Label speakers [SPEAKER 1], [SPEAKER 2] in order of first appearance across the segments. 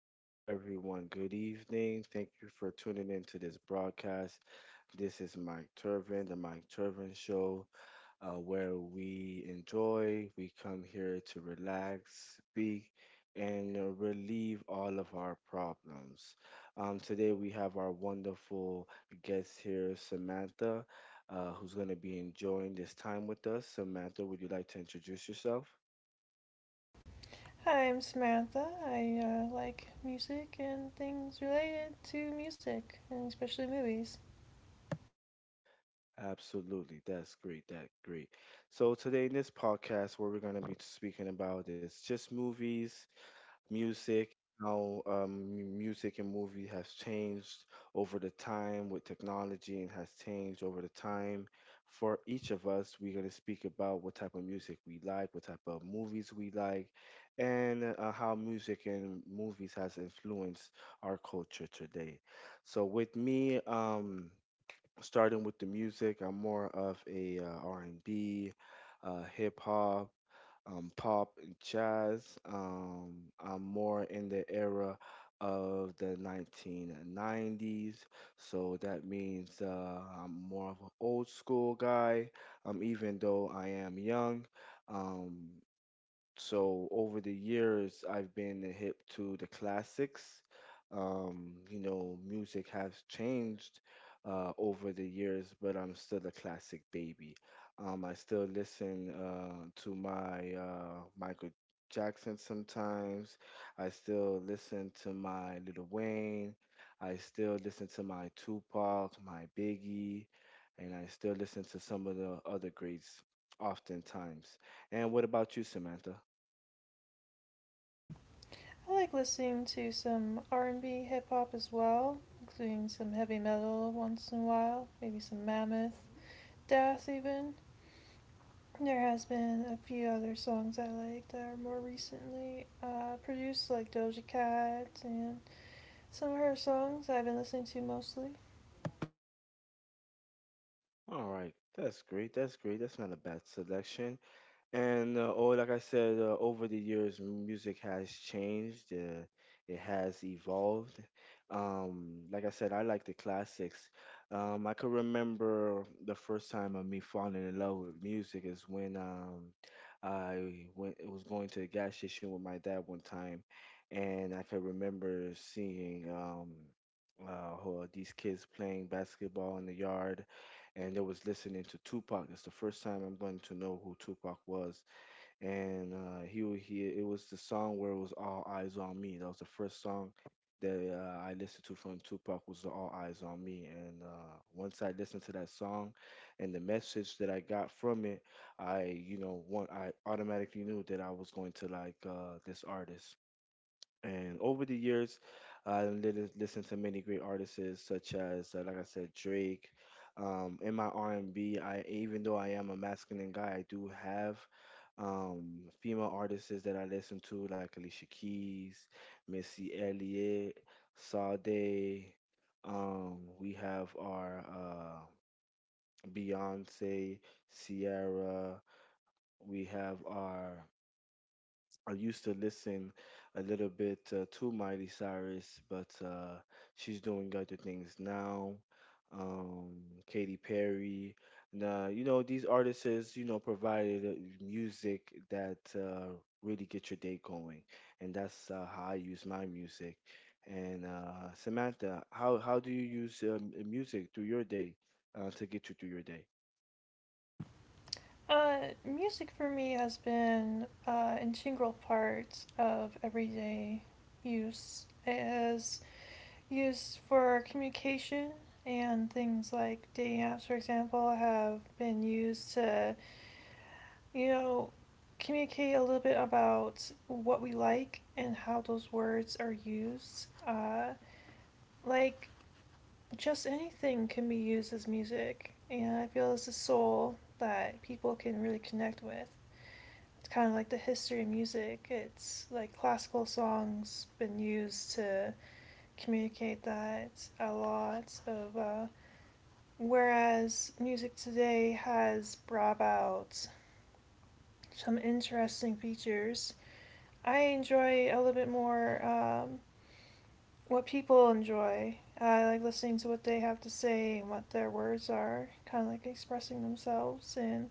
[SPEAKER 1] hello, everyone. Good evening. Thank you for tuning in to this broadcast. This is Mike Turvin, the Mike Turvin Show, where we come here to relax, speak, and relieve all of our problems. Today, we have our wonderful guest here, Samantha, who's going to be enjoying this time with us. Samantha, would you like to introduce yourself?
[SPEAKER 2] Hi, I'm Samantha. I like music and things related to music, and especially movies.
[SPEAKER 1] Absolutely. That's great. That great. So today in this podcast, what we're going to be speaking about is just movies, music, how music and movie has changed over the time with technology and has changed over the time. For each of us, we're going to speak about what type of music we like, what type of movies we like, and how music and movies has influenced our culture today. So with me, starting with the music, I'm more of a R&B, hip hop, pop, and jazz. I'm more in the era of the 1990s, so that means I'm more of an old school guy. Even though I am young, um, so over the years, I've been hip to the classics. You know, music has changed over the years, but I'm still a classic baby. I still listen to my Michael Jackson sometimes. I still listen to my Little Wayne. I still listen to my Tupac, my Biggie, and I still listen to some of the other greats oftentimes. And what about you, Samantha?
[SPEAKER 2] I like listening to some R&B, hip hop as well, including some heavy metal once in a while, maybe some Mammoth, Death even. There has been a few other songs I like that are more recently produced, like Doja Cat and some of her songs I've been listening to mostly.
[SPEAKER 1] All right, that's great. That's great. That's not a bad selection. And oh, like I said, over the years, music has changed. It has evolved. Like I said, I like the classics. I can remember the first time of me falling in love with music is when I went. It was going to the gas station with my dad one time, and I could remember seeing these kids playing basketball in the yard, and I was listening to Tupac. It's the first time I'm going to know who Tupac was, and he wa- he it was the song where it was All Eyes on Me. That was the first song that I listened to from Tupac was All Eyes on Me, and once I listened to that song, and the message that I got from it, I you know want I automatically knew that I was going to like this artist. And over the years, I listened to many great artists, such as, like I said, Drake. In my R&B, I even though I am a masculine guy, I do have female artists that I listen to, like Alicia Keys, Missy Elliott, Sade. We have our Beyonce, Ciara. We have our I used to listen a little bit to Miley Cyrus, but she's doing other things now. Um, Katy Perry. Now, these artists, is, provided music that really get your day going. And that's how I use my music. And Samantha, how do you use music through your day to get you through your day?
[SPEAKER 2] Music for me has been an integral part of everyday use. It is used for communication, and things like dating apps, for example, have been used to, you know, communicate a little bit about what we like and how those words are used. Like, just anything can be used as music, and I feel it's a soul that people can really connect with. It's kind of like the history of music. It's like classical songs been used to communicate that a lot of. Whereas music today has brought out some interesting features. I enjoy a little bit more what people enjoy. I like listening to what they have to say and what their words are, kind of like expressing themselves. And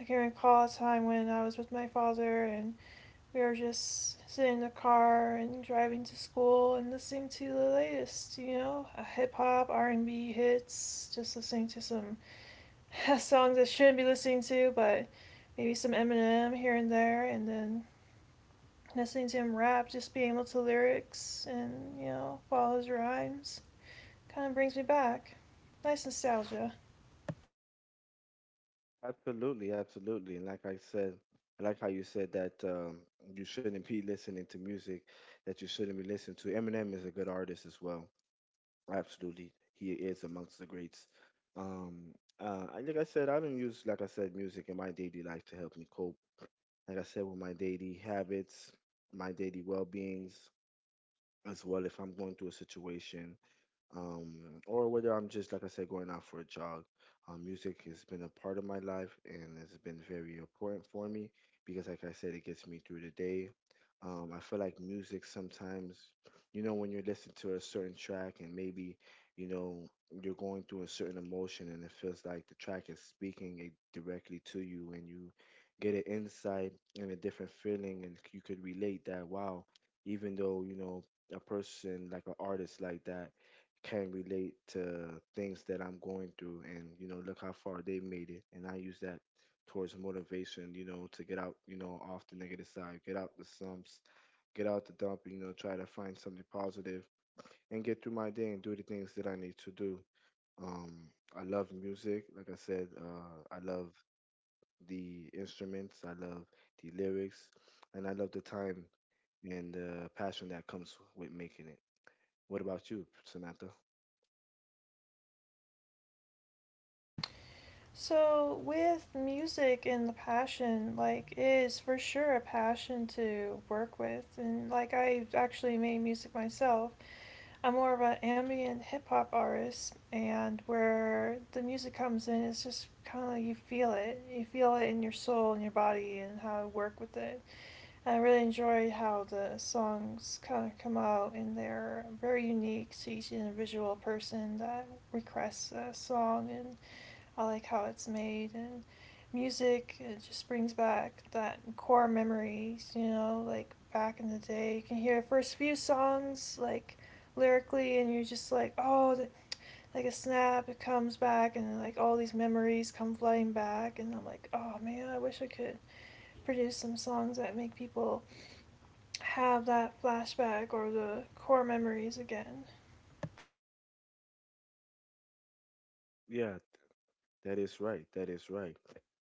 [SPEAKER 2] I can recall a time when I was with my father and we were just sitting in the car and driving to school and listening to the latest, you know, hip hop, R and B hits, just listening to some songs I shouldn't be listening to, but maybe some Eminem here and there, and then listening to him rap, just being able to lyrics and you know follow his rhymes, kind of brings me back. Nice nostalgia.
[SPEAKER 1] Absolutely, absolutely. And like I said, I like how you said that you shouldn't be listening to music that you shouldn't be listening to. Eminem is a good artist as well. Absolutely. He is amongst the greats. Um, and like I said, I don't use, like I said, music in my daily life to help me cope. Like I said, with my daily habits, my daily well beings, as well, if I'm going through a situation um, or whether I'm just, like I said, going out for a jog. Music has been a part of my life, and it's been very important for me because, like I said, it gets me through the day. I feel like music sometimes, when you're listening to a certain track and maybe, you know, you're going through a certain emotion, and it feels like the track is speaking it directly to you, and you get an insight and a different feeling, and you could relate that, wow, even though, a person like an artist like that can relate to things that I'm going through, and look how far they made it, and I use that towards motivation, to get out, off the negative side, get out the slumps, get out the dump, try to find something positive, and get through my day, and do the things that I need to do. um I love music, like I said. I love the instruments, I love the lyrics, and I love the time and the passion that comes with making it. What about you, Samantha?
[SPEAKER 2] So, with music and the passion, like, it is for sure a passion to work with. And, like, I've actually made music myself. I'm more of an ambient hip hop artist, and where the music comes in, it's just kind of like you feel it. You feel it in your soul and your body and how to work with it. And I really enjoy how the songs kind of come out, and they're very unique to each individual person that requests a song. And I like how it's made, and music, it just brings back that core memories, you know, like back in the day. You can hear the first few songs like lyrically and you're just like, "Oh, like a snap, it comes back and like all these memories come flying back." And I'm like, "Oh, man, I wish I could produce some songs that make people have that flashback or the core memories again."
[SPEAKER 1] Yeah, that is right. That is right.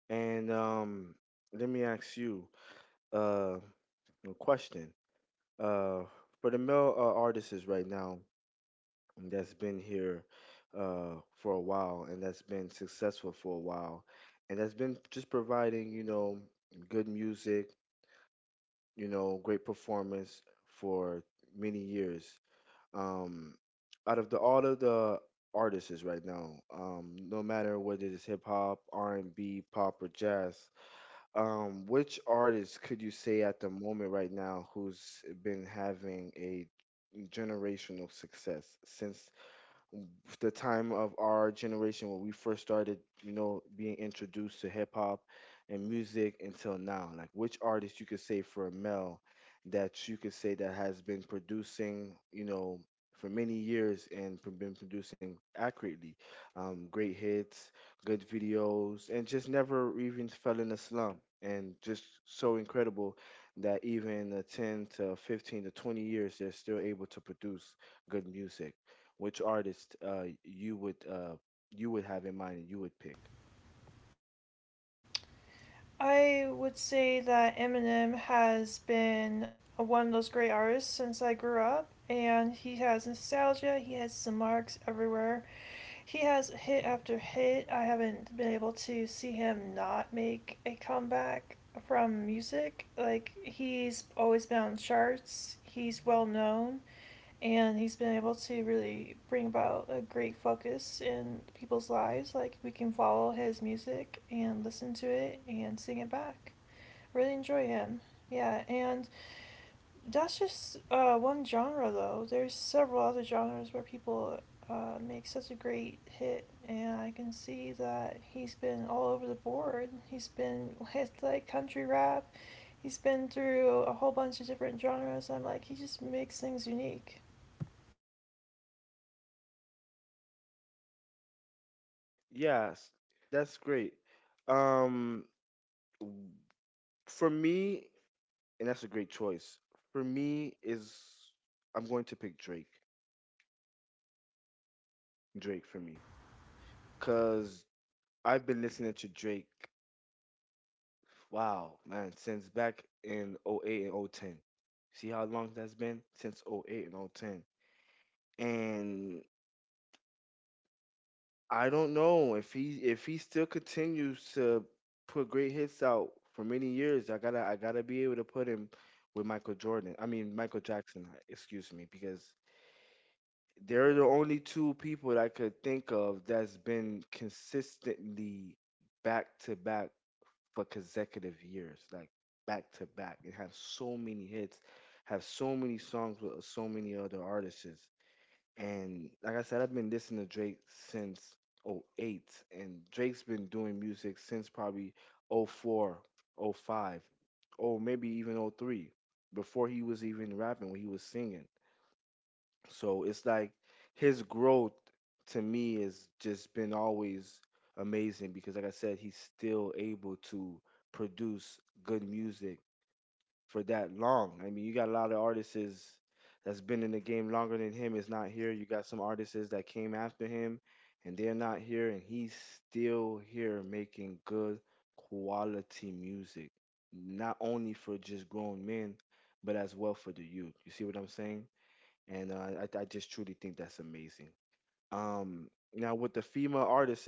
[SPEAKER 1] And let me ask you uh, a question. Uh, for the male artists right now that's been here for a while, and that's been successful for a while, and that's been just providing, good music, great performance for many years. Um, Out of the all of the artists right now, no matter whether it's hip hop, R and B, pop, or jazz, which artist could you say at the moment right now who's been having a generational success since the time of our generation when we first started, being introduced to hip hop and music until now. Like, which artist you could say for a male that you could say that has been producing, for many years, and been producing accurately, great hits, good videos, and just never even fell in a slump. And just so incredible that even the 10 to 15 to 20 years, they're still able to produce good music. Which artist you would have in mind and you would pick?
[SPEAKER 2] I would say that Eminem has been one of those great artists since I grew up, and he has nostalgia, he has some marks everywhere. He has hit after hit. I haven't been able to see him not make a comeback from music. Like, he's always been on charts, he's well known, and he's been able to really bring about a great focus in people's lives. Like, we can follow his music and listen to it and sing it back. Really enjoy him. Yeah, and that's just one genre though. There's several other genres where people make such a great hit, and I can see that he's been all over the board. He's been with like country rap. He's been through a whole bunch of different genres. I'm like, he just makes things unique.
[SPEAKER 1] Yes, that's great. Um, w- for me, and that's a great choice. For me is I'm going to pick Drake. Drake for me, cause I've been listening to Drake. Wow, man, since back in '08 and '10. See how long that's been since '08 and o ten. And I don't know if he still continues to put great hits out for many years. I gotta be able to put him with Michael Jordan. I mean Michael Jackson. Excuse me, because they're the only two people that I could think of that's been consistently back to back for consecutive years, like back to back, and have so many hits, have so many songs with so many other artists. And like I said, I've been listening to Drake since '08, and Drake's been doing music since probably oh 04, oh 05, or maybe even '03, before he was even rapping, when he was singing. So it's like his growth to me has just been always amazing because, like I said, he's still able to produce good music for that long. I mean, you got a lot of artists that's been in the game longer than him is not here. You got some artists is that came after him and they're not here, and he's still here making good quality music. Not only for just grown men, but as well for the youth. You see what I'm saying? And I just truly think that's amazing. Now with the female artists,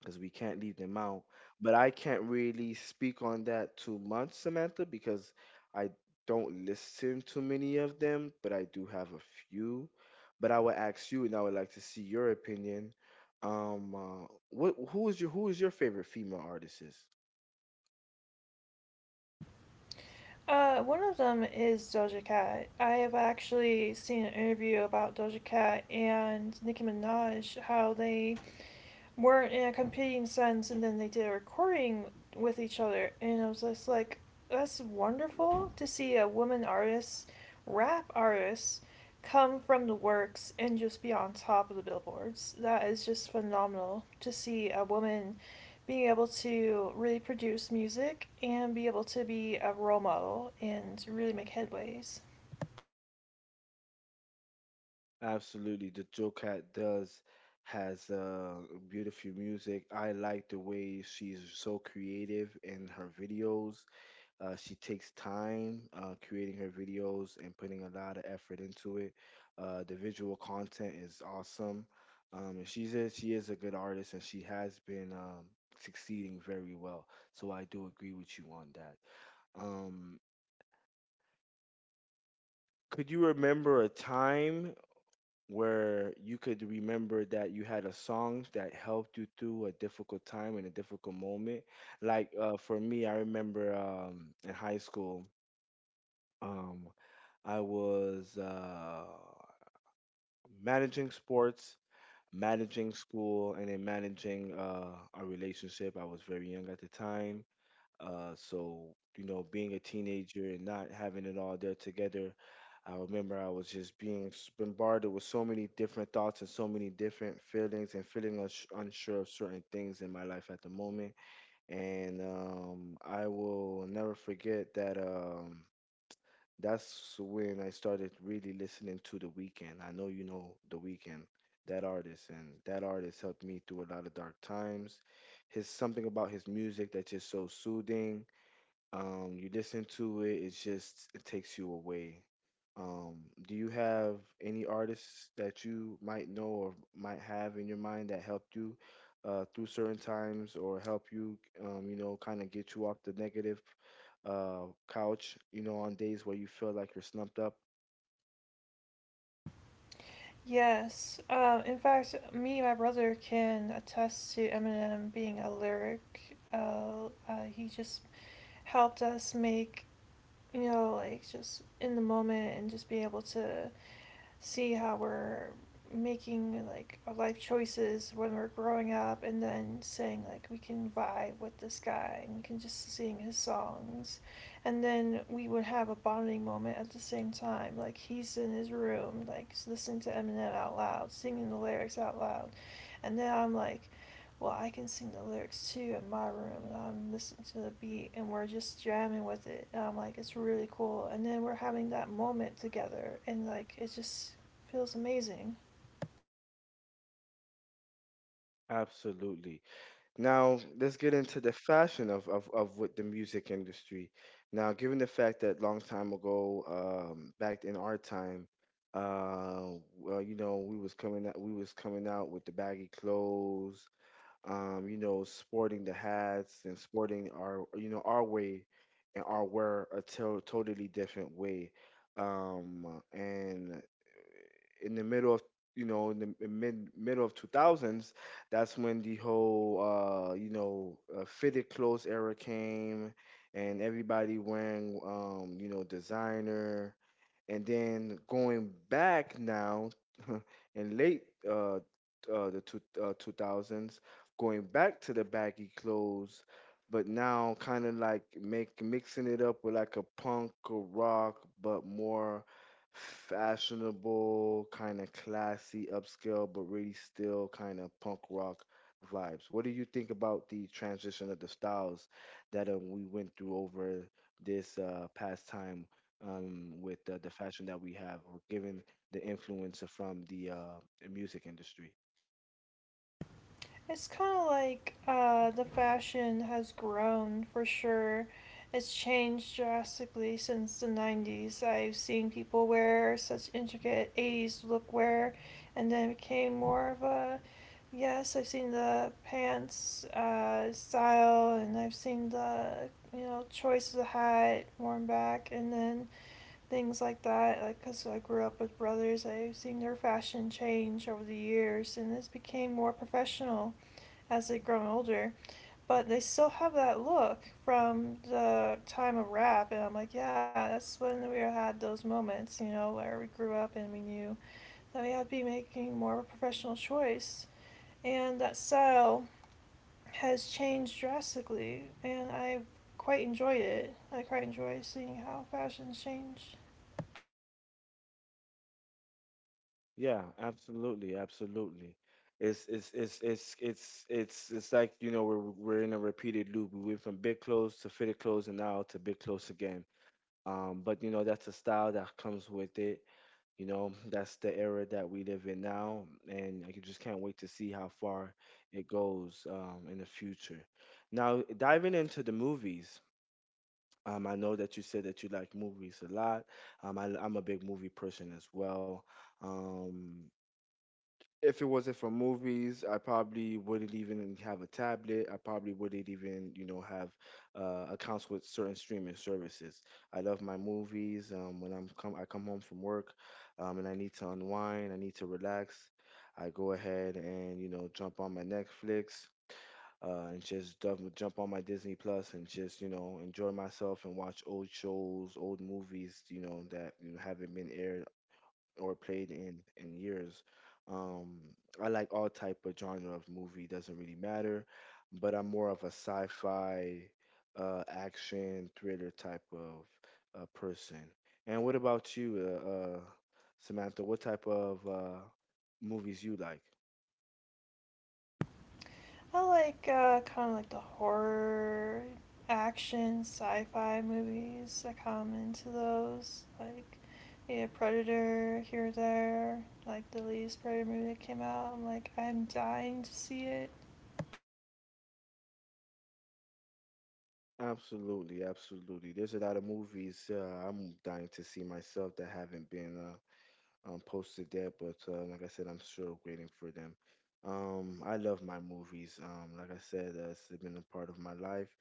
[SPEAKER 1] because we can't leave them out. But I can't really speak on that too much, Samantha, because I don't listen to many of them, but I do have a few. But I would ask you, and I would like to see your opinion. What Who is your favorite female artist? Is?
[SPEAKER 2] One of them is Doja Cat. I have actually seen an interview about Doja Cat and Nicki Minaj, how they weren't in a competing sense, and then they did a recording with each other, and I was just like, that's wonderful to see a woman artist, rap artist, come from the works and just be on top of the billboards. That is just phenomenal to see a woman being able to really produce music and be able to be a role model and really make headways.
[SPEAKER 1] Absolutely, the Joe Cat does has beautiful music. I like the way she's so creative in her videos. She takes time creating her videos and putting a lot of effort into it. The visual content is awesome. And she is a good artist, and she has been succeeding very well. So I do agree with you on that. Um, could you remember a time where you could remember that you had a song that helped you through a difficult time and a difficult moment? Like for me, I remember in high school. Um, I was managing sports, managing school, and then managing a relationship. I was very young at the time. So, being a teenager and not having it all there together, I remember I was just being bombarded with so many different thoughts and so many different feelings and feeling unsure of certain things in my life at the moment. And I will never forget that. That's when I started really listening to The Weeknd. I know you know The Weeknd, that artist, and that artist helped me through a lot of dark times. His something about his music that's just so soothing. You listen to it, it takes you away. Um, do you have any artists that you might know or might have in your mind that helped you through certain times or help you, kind of get you off the negative couch, you know, on days where you feel like you're slumped up?
[SPEAKER 2] Yes. In fact, me and my brother can attest to Eminem being a lyric. He just helped us make, you know, like just in the moment and just be able to see how we're making like our life choices when we're growing up and then saying like we can vibe with this guy and we can just sing his songs, and then we would have a bonding moment at the same time, like he's in his room like listening to Eminem out loud singing the lyrics out loud. And then I'm like, well, I can sing the lyrics too in my room, and I'm listening to the beat, and we're just jamming with it. And I'm like, it's really cool. And then we're having that moment together, and like, it just feels amazing.
[SPEAKER 1] Absolutely. Now, let's get into the fashion of with the music industry. Now, given the fact that long time ago, back in our time, uh, you know, we was coming out with the baggy clothes, you know, sporting the hats and sporting our, you know, our way and our wear a totally different way. And in the middle of, you know, in the middle of 2000s, that's when the whole fitted clothes era came, and everybody wearing, you know, designer, and then going back now in late the 2000s, going back to the baggy clothes, but now kind of like make mixing it up with like a punk or rock, but more fashionable, kind of classy, upscale, but really still kind of punk rock vibes. What do you think about the transition of the styles that we went through over this past time, with the fashion that we have or given the influence from the music industry?
[SPEAKER 2] It's kind of like the fashion has grown for sure. It's changed drastically since the 90s. I've seen people wear such intricate 80s lookwear, and then it became more of a yes, I've seen the pants style, and I've seen the you know choice of the hat worn back, and then things like that. Like, cause I grew up with brothers, I've seen their fashion change over the years, and this became more professional as they've grown older, but they still have that look from the time of rap. And I'm like, yeah, that's when we had those moments, you know, where we grew up and we knew that we had to be making more of a professional choice. And that style has changed drastically, and I quite enjoyed it. I quite enjoy seeing how fashions change.
[SPEAKER 1] Yeah, absolutely, absolutely. It's like, you know, we're in a repeated loop. We went from big clothes to fitted clothes and now to big clothes again. But you know that's a style that comes with it. You know that's the era that we live in now, and I just can't wait to see how far it goes in the future. Now, diving into the movies, I know that you said that you like movies a lot. I'm a big movie person as well. Um, if it wasn't for movies, I probably wouldn't even have a tablet. I probably wouldn't even, you know, have accounts with certain streaming services. I love my movies. When I come home from work, and I need to unwind. I need to relax. I go ahead and, you know, jump on my Netflix and just jump on my Disney Plus and just, you know, enjoy myself and watch old shows, old movies, you know, that, you know, haven't been aired or played in years. Um, I like all type of genre of movie, doesn't really matter, but I'm more of a sci-fi, action thriller type of person. And what about you, uh, uh, Samantha? What type of movies you like?
[SPEAKER 2] I like kind of like the horror, action, sci-fi movies. I come into those like yeah, Predator here or there. Like the latest Predator movie that came out, I'm like I'm dying to see it.
[SPEAKER 1] Absolutely, absolutely. There's a lot of movies I'm dying to see myself that haven't been posted yet, but like I said, I'm still waiting for them. I love my movies. Like I said, it's been a part of my life.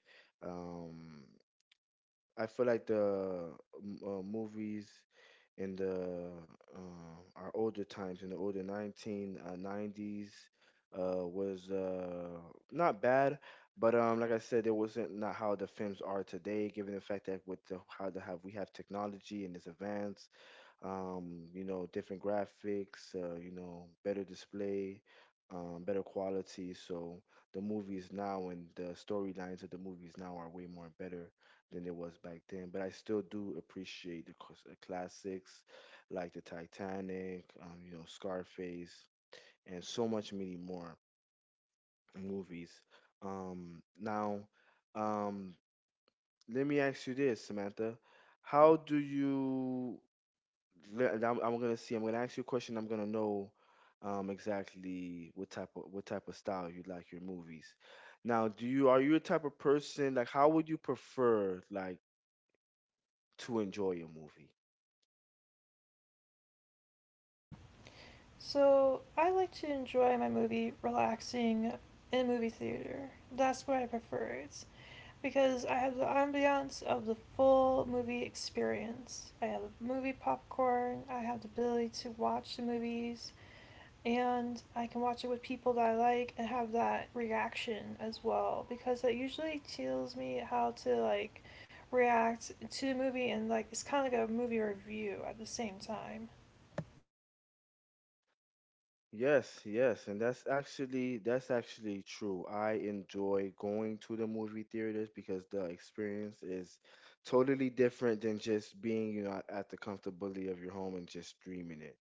[SPEAKER 1] Um, I feel like the movies in the uh, our older times in the older 1990s was not bad, but like I said, it wasn't not how the films are today, given the fact that how the have we have technology and this advance, you know, different graphics, you know, better display, better quality. So the movies now and the storylines of the movies now are way more better than it was back then. But I still do appreciate the classics like the Titanic, you know, Scarface, and so much many more movies. Um, now, um, Let me ask you this, Samantha. How do you I'm gonna see. I'm gonna ask you a question. I'm gonna know exactly what type of style you like your movies. Now, do you are you a type of person, like how would you prefer like to enjoy a movie?
[SPEAKER 2] So I like to enjoy my movie relaxing in a movie theater. That's what I prefer it because I have the ambiance of the full movie experience. I have the movie popcorn. I have the ability to watch the movies, and I can watch it with people that I like and have that reaction as well, because that usually tells me how to like react to a movie, and like it's kind of like a movie review at the same time.
[SPEAKER 1] Yes, yes, and that's actually true. I enjoy going to the movie theaters because the experience is totally different than just being, you know, at the comfortability of your home and just streaming it.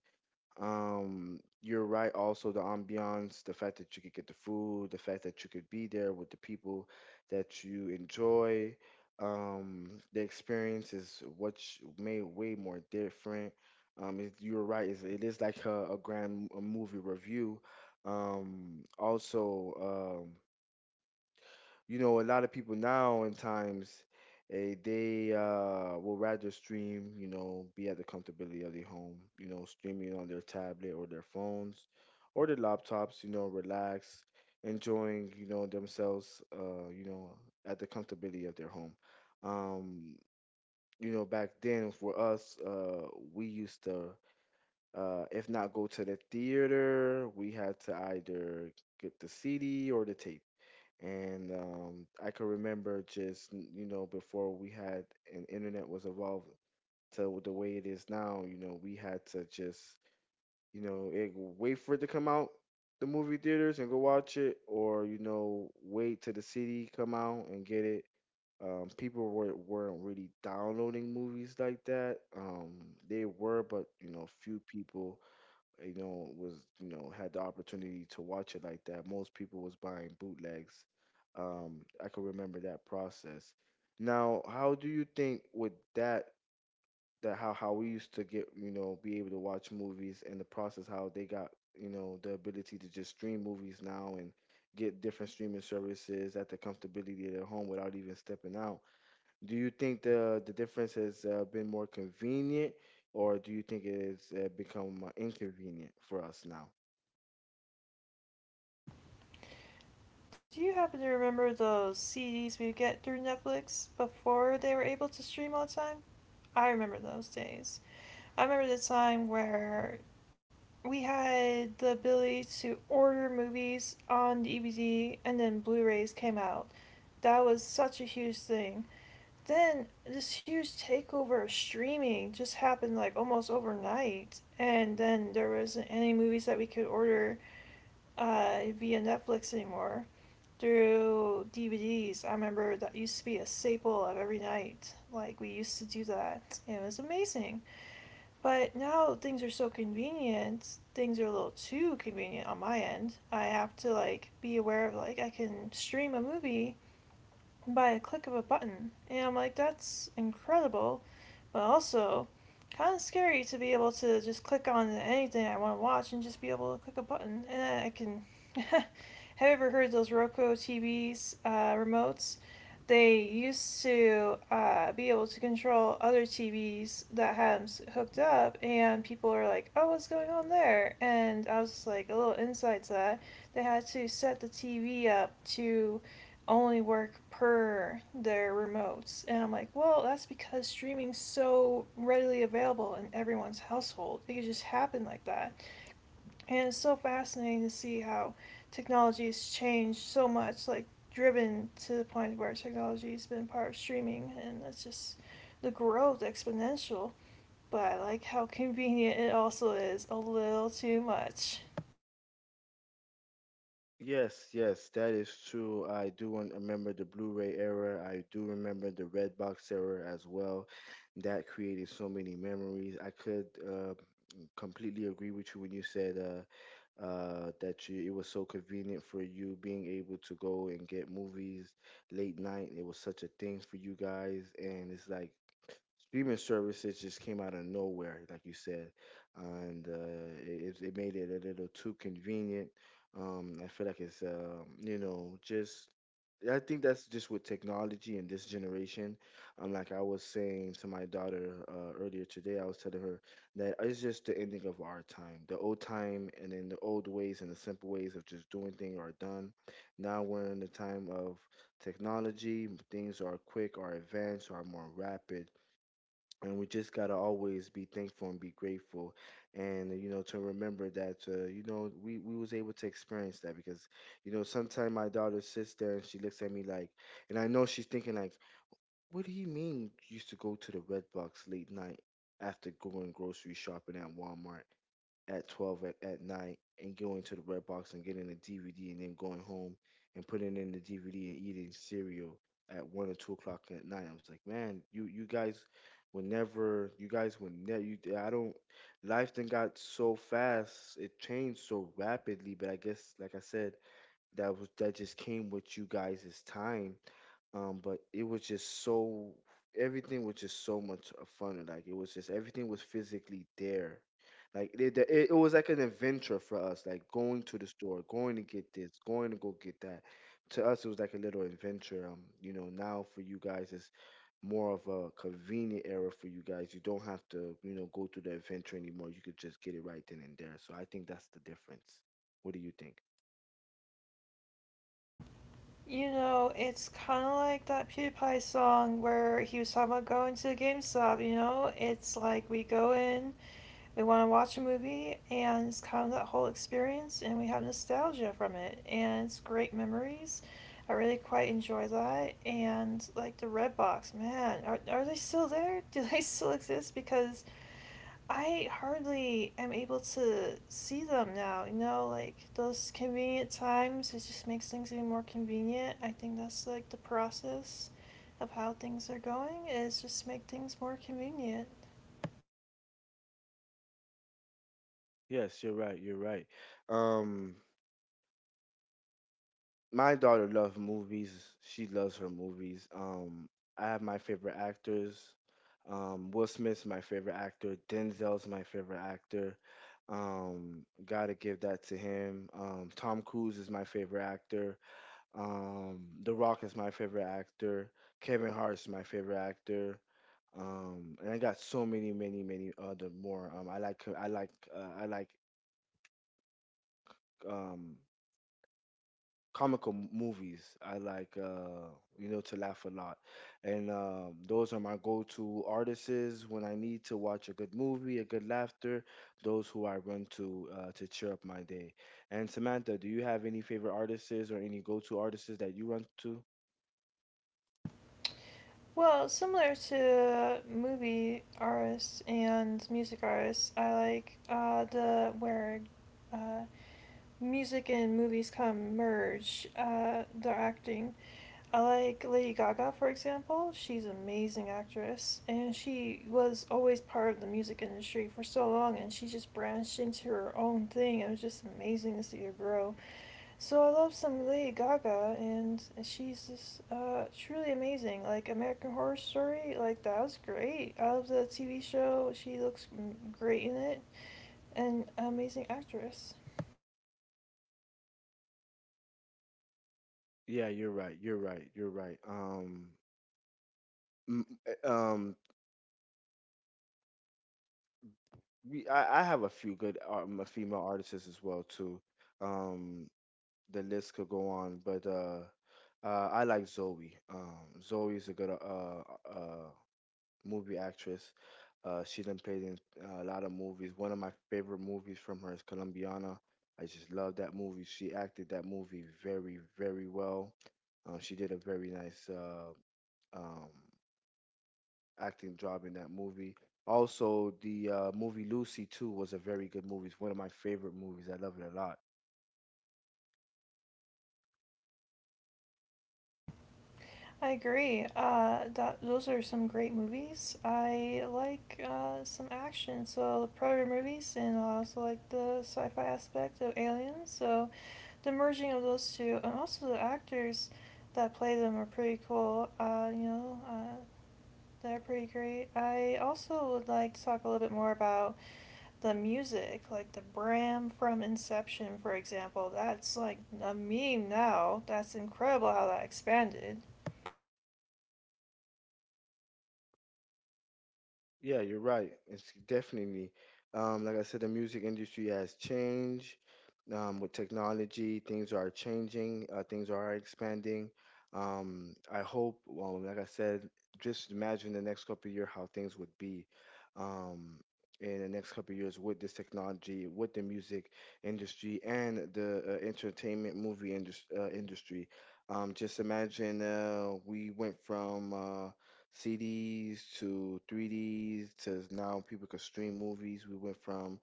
[SPEAKER 1] You're right. Also, the ambiance, the fact that you could get the food, the fact that you could be there with the people that you enjoy. The experience is what made way more different. You're right. It is like a grand a movie review. Um, also, um, you know, a lot of people now in times, they will rather stream, you know, be at the comfortability of their home, you know, streaming on their tablet or their phones or their laptops, you know, relax, enjoying, you know, themselves, you know, at the comfortability of their home. Um, you know, back then for us, we used to, if not go to the theater, we had to either get the CD or the tape, and I can remember just you know, before we had an internet was evolved to the way it is now. You know, we had to just, wait for it to come out the movie theaters and go watch it, or you know, wait till the CD come out and get it. People weren't really downloading movies like that. They were, but you know, few people, you know, was you know, had the opportunity to watch it like that. Most people was buying bootlegs. I can remember that process. Now, how do you think with that, how we used to get, you know, be able to watch movies, and the process how they got, you know, the ability to just stream movies now and get different streaming services at the comfortability of their home without even stepping out, do you think the difference has been more convenient, or do you think it has become inconvenient for us now?
[SPEAKER 2] Do you happen to remember those CDs we would get through Netflix before they were able to stream all the time? I remember those days. I remember the time where we had the ability to order movies on DVD, and then Blu rays came out. That was such a huge thing. Then this huge takeover of streaming just happened like almost overnight, and then there wasn't any movies that we could order via Netflix anymore through DVDs. I remember that used to be a staple of every night. Like, we used to do that, and it was amazing. But now things are so convenient, things are a little too convenient on my end. I have to like be aware of like I can stream a movie by a click of a button, and I'm like, that's incredible. But also kind of scary to be able to just click on anything I want to watch and just be able to click a button, and I can. Have you ever heard those Roku TVs remotes? They used to be able to control other TVs that had s hooked up, and people are like, "Oh, what's going on there?" And I was just like, a little insight to that. They had to set the TV up to only work per their remotes. And I'm like, well, that's because streaming's so readily available in everyone's household. It could just happen like that. And it's so fascinating to see how technology has changed so much, like driven to the point where technology has been part of streaming. And that's just the growth exponential. But I like how convenient it also is a little too much.
[SPEAKER 1] Yes, yes, that is true. I do remember the Blu-ray era. I do remember the Redbox era as well. That created so many memories. I could completely agree with you when you said that it was so convenient for you being able to go and get movies late night. It was such a thing for you guys, and it's like streaming services just came out of nowhere, like you said, and it made it a little too convenient. I feel like it's you know, just I think that's just with technology in this generation. Like I was saying to my daughter earlier today, I was telling her that it's just the ending of our time. The old time and then the old ways and the simple ways of just doing things are done. Now we're in the time of technology. Things are quick, are advanced, are more rapid, and we just gotta always be thankful and be grateful, and you know, to remember that, you know, we was able to experience that, because you know, sometimes my daughter sits there and she looks at me like, and I know she's thinking like, what do you mean you used to go to the Red Box late night after going grocery shopping at Walmart at 12 at night, and going to the Red Box and getting a DVD, and then going home and putting in the DVD and eating cereal at 1 or 2 o'clock at night. I was like, man, you guys were never, you guys were never, I don't, life then got so fast, it changed so rapidly, but I guess, like I said, that was that just came with you guys' time. But it was just so, everything was just so much of fun. Like it was just everything was physically there. It was like an adventure for us. Like going to the store, going to get this, going to go get that. To us, it was like a little adventure. You know, now for you guys, it's more of a convenient era for you guys. You don't have to, you know, go through the adventure anymore. You could just get it right then and there. So I think that's the difference. What do you think?
[SPEAKER 2] You know, it's kind of like that PewDiePie song where he was talking about going to GameStop, you know? It's like we go in, we want to watch a movie, and it's kind of that whole experience, and we have nostalgia from it, and it's great memories. I really quite enjoy that. And like the Redbox, man, are they still there? Do they still exist? Because I hardly am able to see them now. You know, like those convenient times, it just makes things even more convenient. I think that's like the process of how things are going is just make things more convenient.
[SPEAKER 1] Yes, you're right. You're right. Um, my daughter loves movies. She loves her movies. I have my favorite actors. Will Smith's my favorite actor. Denzel's my favorite actor. Gotta give that to him. Tom Cruise is my favorite actor. The Rock is my favorite actor. Kevin Hart's my favorite actor. And I got so many, many, many other more. I like, um, comical movies. I like you know, to laugh a lot, and those are my go-to artists when I need to watch a good movie, a good laughter. Those who I run to cheer up my day. And Samantha, do you have any favorite artists or any go-to artists that you run to?
[SPEAKER 2] Well, similar to movie artists and music artists, I like the where uh, music and movies come merge the acting. I like Lady Gaga, for example. She's an amazing actress, and she was always part of the music industry for so long, and she just branched into her own thing. It was just amazing to see her grow. So I love some Lady Gaga, and she's just truly amazing. Like American Horror Story, like that was great. I love the TV show. She looks great in it, and an amazing actress.
[SPEAKER 1] Yeah, you're right. You're right. You're right. M- uh, um, I have a few good female artists as well too. Um, the list could go on, but I like Zoe. Zoe's a good uh, movie actress. She done played in a lot of movies. One of my favorite movies from her is Colombiana. I just love that movie. She acted that movie very, very well. She did a very nice um, acting job in that movie. Also, the movie Lucy too was a very good movie. It's one of my favorite movies. I love it a lot.
[SPEAKER 2] I agree. Those are some great movies. I like some action, so the Predator movies, and I also like the sci-fi aspect of Aliens. So, the merging of those two, and also the actors that play them are pretty cool. They're pretty great. I also would like to talk a little bit more about the music, like the Bram from Inception, for example. That's like a meme now. That's incredible how that expanded.
[SPEAKER 1] Yeah, you're right. It's definitely, like I said, the music industry has changed. With technology, things are changing. Things are expanding. I hope, well, like I said, just imagine the next couple of years how things would be, um, in the next couple of years with this technology, with the music industry and the entertainment movie industry. Just imagine, we went from CDs to 3Ds to now people can stream movies. We went from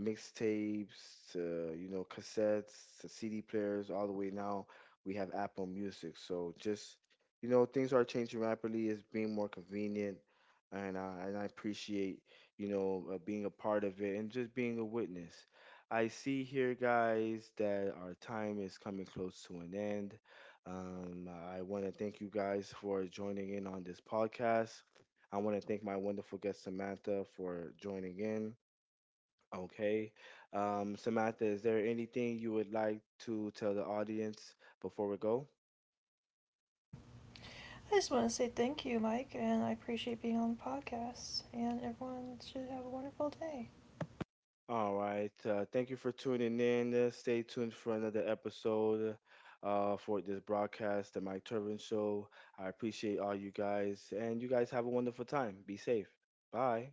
[SPEAKER 1] mixtapes to, you know, cassettes to CD players all the way, now we have Apple Music. So just, you know, things are changing rapidly. It's being more convenient, and I appreciate, you know, being a part of it and just being a witness. I see here, guys, that our time is coming close to an end. I want to thank you guys for joining in on this podcast. I want to thank my wonderful guest Samantha for joining in. Okay, Samantha, is there anything you would like to tell the audience before we go?
[SPEAKER 2] I just want to say thank you, Mike, and I appreciate being on the podcast. And everyone should have a wonderful day.
[SPEAKER 1] All right. Thank you for tuning in. Stay tuned for another episode for this broadcast, The Mike Turbin Show. I appreciate all you guys, and you guys have a wonderful time. Be safe. Bye.